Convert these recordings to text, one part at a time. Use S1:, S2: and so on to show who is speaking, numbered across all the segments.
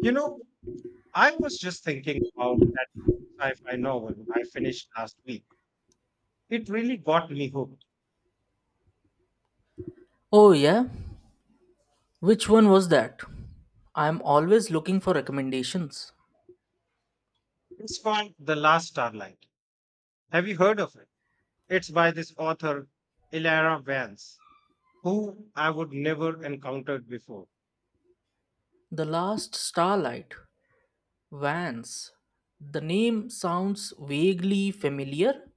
S1: You know, I was just thinking about that sci-fi novel I finished last week. It really got me hooked.
S2: Oh, yeah? Which one was that? I'm always looking for recommendations.
S1: It's called The Last Starlight. Have you heard of it? It's by this author, Ilara Vance, who I would never encountered before.
S2: The Last Starlight, Vance. The name sounds vaguely familiar,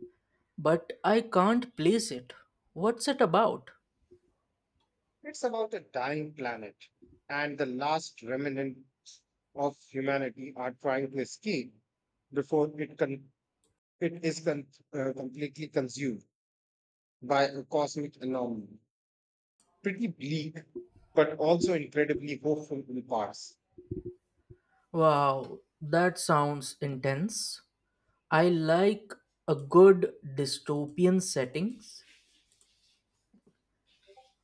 S2: but I can't place it. What's it about?
S1: It's about a dying planet and the last remnants of humanity are trying to escape before it, con- it is con- completely consumed by a cosmic anomaly. Pretty bleak, but also incredibly hopeful in parts.
S2: Wow, that sounds intense. I like a good dystopian settings,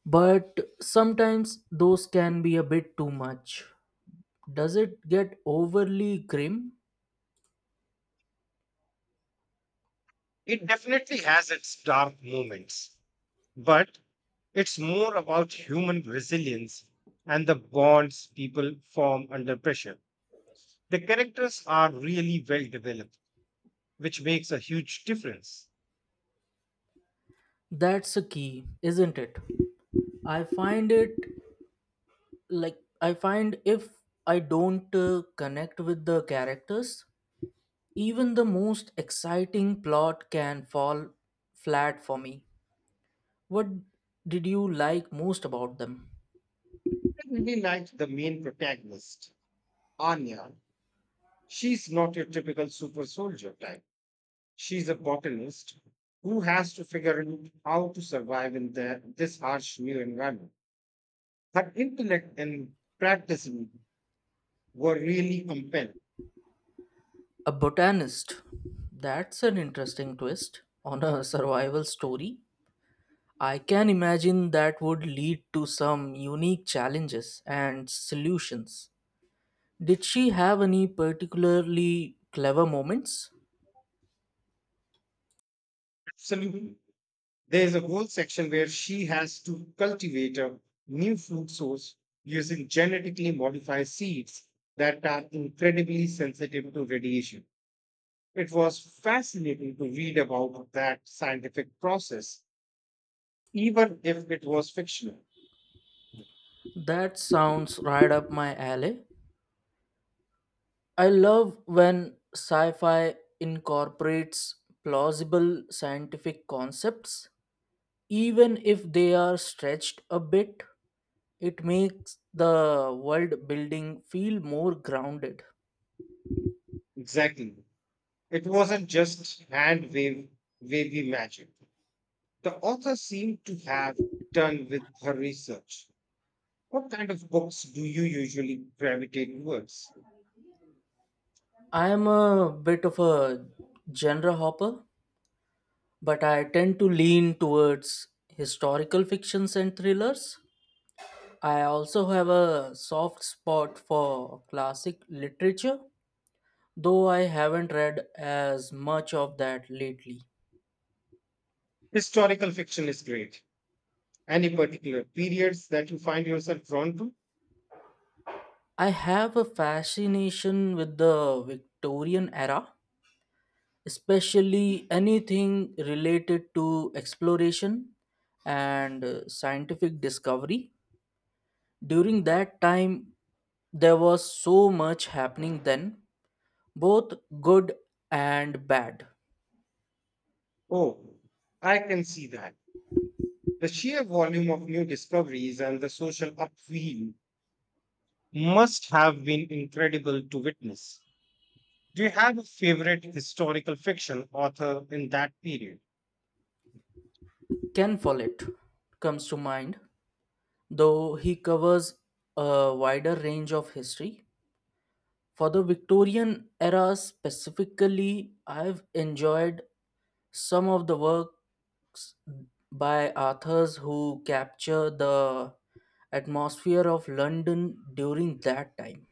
S2: but sometimes those can be a bit too much. Does it get overly grim?
S1: It definitely has its dark moments, but it's more about human resilience and the bonds people form under pressure. The characters are really well developed, which makes a huge difference.
S2: That's a key, isn't it? I find it I find if I don't connect with the characters, even the most exciting plot can fall flat for me. What did you like most about them?
S1: I really liked the main protagonist, Anya. She's not your typical super soldier type. She's a botanist who has to figure out how to survive in this harsh new environment. Her intellect and practice were really compelling.
S2: A botanist. That's an interesting twist on a survival story. I can imagine that would lead to some unique challenges and solutions. Did she have any particularly clever moments?
S1: Absolutely. There's a whole section where she has to cultivate a new food source using genetically modified seeds that are incredibly sensitive to radiation. It was fascinating to read about that scientific process even if it was fictional.
S2: That sounds right up my alley. I love when sci fi incorporates plausible scientific concepts, even if they are stretched a bit. It makes the world building feel more grounded.
S1: Exactly. It wasn't just wavy magic. The author seemed to have done with her research. What kind of books do you usually gravitate towards?
S2: I am a bit of a genre hopper, but I tend to lean towards historical fictions and thrillers. I also have a soft spot for classic literature, though I haven't read as much of that lately.
S1: Historical fiction is great. Any particular periods that you find yourself drawn to?
S2: I have a fascination with the Victorian era, especially anything related to exploration and scientific discovery. During that time, there was so much happening then, both good and bad.
S1: Oh, I can see that. The sheer volume of new discoveries and the social upheaval must have been incredible to witness. Do you have a favorite historical fiction author in that period?
S2: Ken Follett comes to mind though he covers a wider range of history. For the Victorian era specifically, I've enjoyed some of the works by authors who capture the atmosphere of London during that time.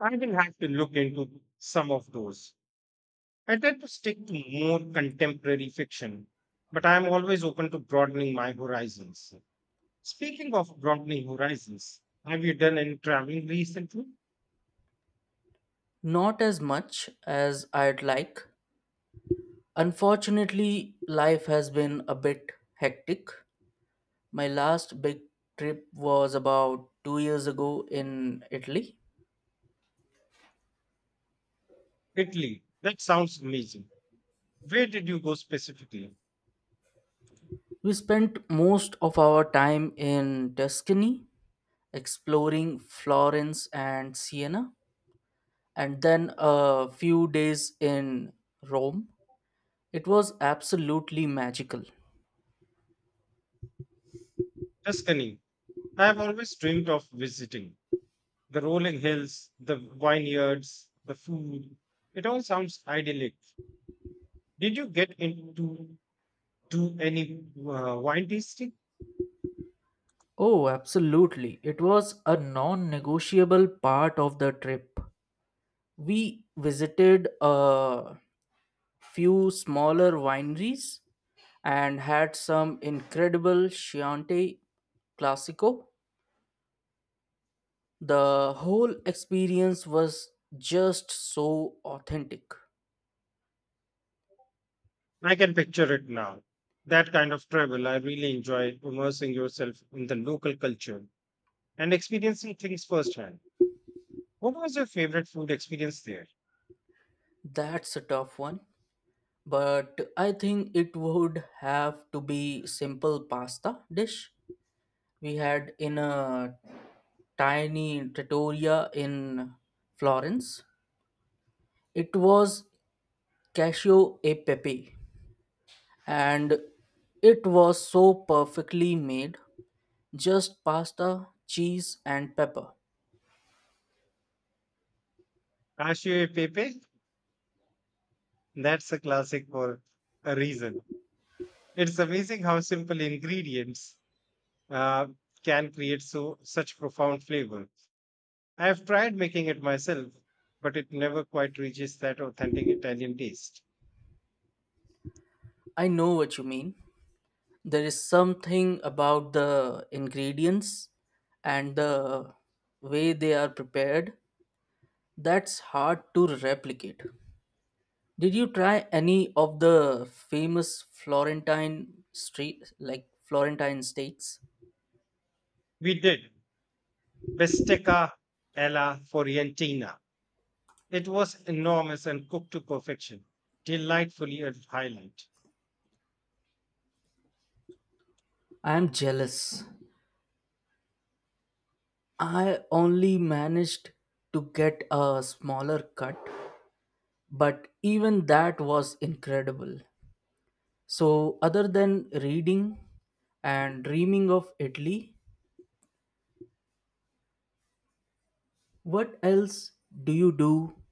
S1: I will have to look into some of those. I tend to stick to more contemporary fiction, but I am always open to broadening my horizons. Speaking of broadening horizons, have you done any traveling recently?
S2: Not as much as I'd like. Unfortunately, life has been a bit hectic. My last big trip was about 2 years ago in Italy.
S1: Italy, that sounds amazing. Where did you go specifically?
S2: We spent most of our time in Tuscany, exploring Florence and Siena, and then a few days in Rome. It was absolutely magical.
S1: Tuscany. I have always dreamed of visiting. The rolling hills, the vineyards, the food. It all sounds idyllic. Did you get into do any wine tasting?
S2: Oh, absolutely. It was a non negotiable part of the trip. We visited a few smaller wineries and had some incredible Chianti Classico. The whole experience was just so authentic.
S1: I can picture it now. That kind of travel, I really enjoy immersing yourself in the local culture and experiencing things firsthand. What was your favorite food experience there?
S2: That's a tough one, but I think it would have to be simple pasta dish we had in a tiny trattoria in Florence. It was cashew e pepe and it was so perfectly made, just pasta, cheese and pepper.
S1: Cashew pepe? That's a classic for a reason. It's amazing how simple ingredients uh, can create so such profound flavor. I have tried making it myself, but it never quite reaches that authentic Italian taste.
S2: I know what you mean. There is something about the ingredients and the way they are prepared that's hard to replicate. Did you try any of the famous florentine street like florentine steaks?
S1: We did bistecca alla fiorentina. It was enormous and cooked to perfection, delightfully a highlight.
S2: I am jealous. I only managed to get a smaller cut, but even that was incredible. So other than reading and dreaming of Italy, what else do you do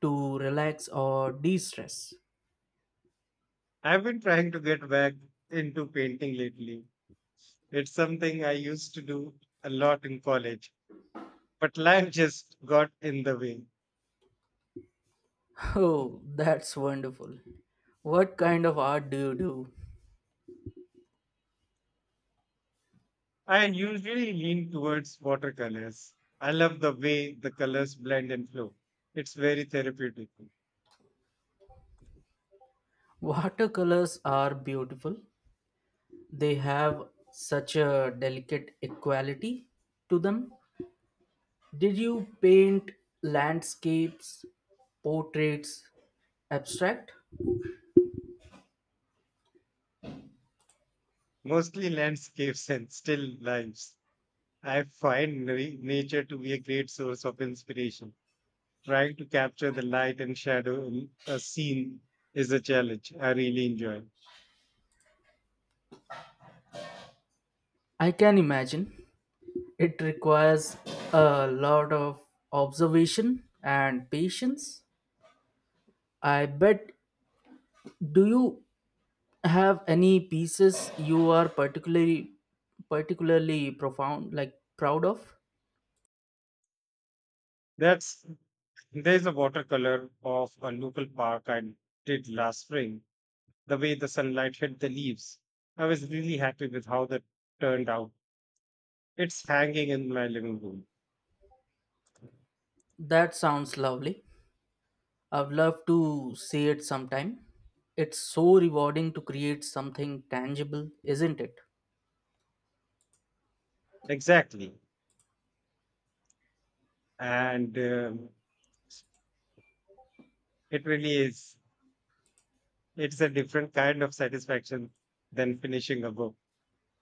S2: to relax or de stress?
S1: I've been trying to get back into painting lately. It's something I used to do a lot in college, but life just got in the way.
S2: Oh, that's wonderful. What kind of art do you do?
S1: I usually lean towards watercolors. I love the way the colors blend and flow. It's very therapeutic.
S2: Watercolors are beautiful. They have such a delicate equality to them. Did you paint landscapes, portraits, abstract?
S1: Mostly landscapes and still lives. I find nature to be a great source of inspiration. Trying to capture the light and shadow in a scene is a challenge I really enjoy.
S2: I can imagine. It requires a lot of observation and patience. I bet. Do you have any pieces you are particularly particularly profound like proud of?
S1: That's There's a watercolor of a local park I did last spring. The way the sunlight hit the leaves, I was really happy with how that turned out. It's hanging in my living room.
S2: That sounds lovely. I'd love to see it sometime. It's so rewarding to create something tangible, isn't it?
S1: Exactly. And it really is. It's a different kind of satisfaction than finishing a book,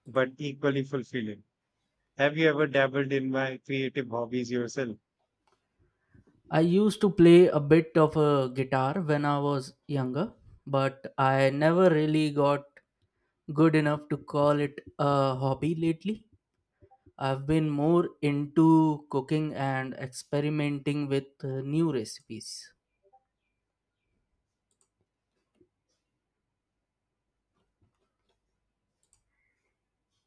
S1: but equally fulfilling. Have you ever dabbled in my creative hobbies yourself?
S2: I used to play a bit of a guitar when I was younger, but I never really got good enough to call it a hobby lately. I've been more into cooking and experimenting with new recipes.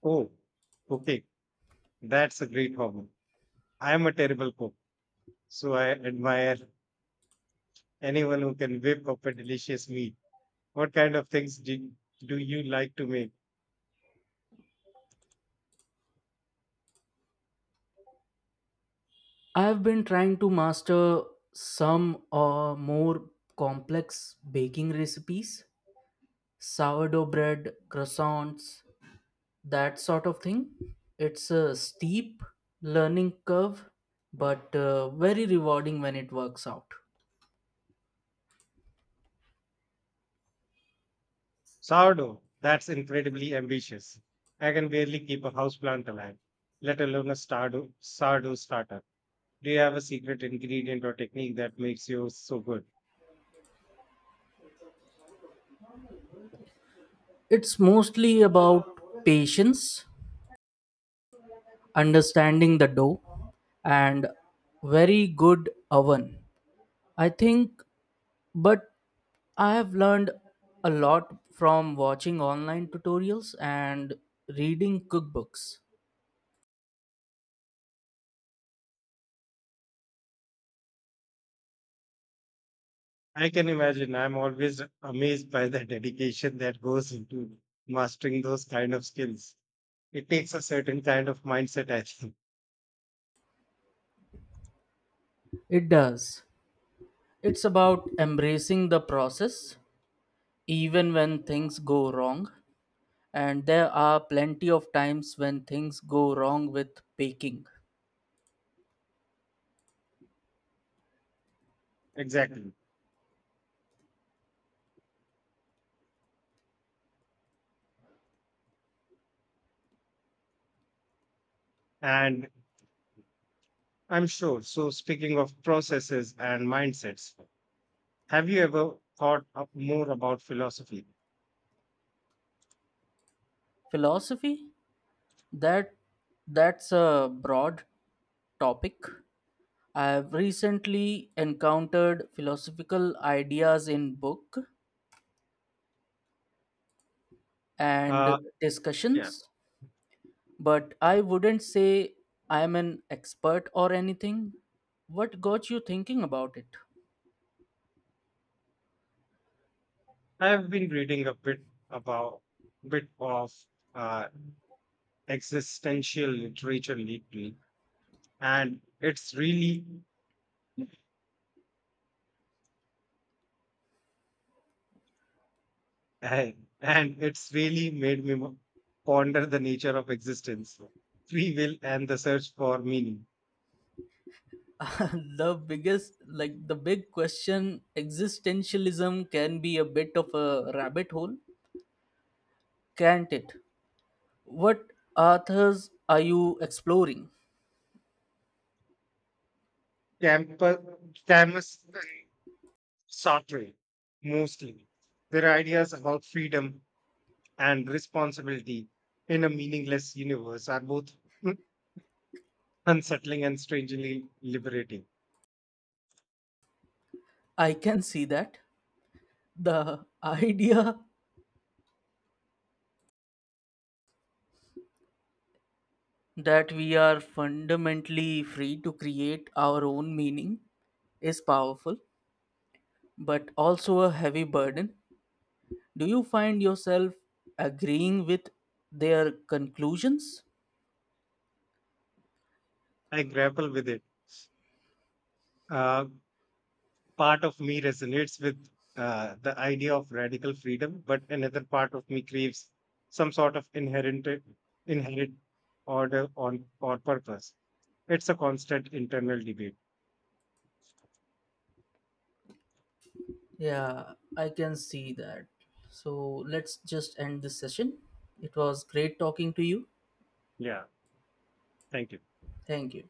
S1: Oh, okay. That's a great hobby. I am a terrible cook, so I admire anyone who can whip up a delicious meal. What kind of things do do you like to make?
S2: I've been trying to master some more complex baking recipes, sourdough bread, croissants, that sort of thing. It's a steep learning curve, but very rewarding when it works out.
S1: Sourdough, that's incredibly ambitious. I can barely keep a houseplant alive, let alone a sourdough starter. Do you have a secret ingredient or technique that makes you so good?
S2: It's mostly about patience, understanding the dough, and very good oven I think, but I have learned a lot from watching online tutorials and reading cookbooks.
S1: I can imagine. I'm always amazed by the dedication that goes into mastering those kind of skills. It takes a certain kind of mindset, I think.
S2: It does. It's about embracing the process, even when things go wrong. And there are plenty of times when things go wrong with baking.
S1: Exactly. And I'm sure. So, speaking of processes and mindsets, have you ever thought up more about philosophy?
S2: Philosophy? That that's a broad topic. I have recently encountered philosophical ideas in book and
S1: Uh, yeah.
S2: discussions, but I wouldn't say I am an expert or anything. What got you thinking about it?
S1: I've been reading a bit about bit of uh, existential literature lately, and it's really ponder the nature of existence, free will, and the search for meaning.
S2: the biggest, like the big question, existentialism can be a bit of a rabbit hole, can't it? What authors are you exploring?
S1: Campus, Camus, and Sartre, mostly their ideas about freedom and responsibility in a meaningless universe are both unsettling and strangely liberating.
S2: I can see that. The idea that we are fundamentally free to create our own meaning is powerful but also a heavy burden. Do you find yourself agreeing with their conclusions?
S1: I grapple with it. Uh, Part of me resonates with the idea of radical freedom, but another part of me craves some sort of inherent order on or purpose. It's a constant internal debate.
S2: Yeah, I can see that. So let's just end this session. It was great talking to you.
S1: Yeah, thank you.
S2: Thank you.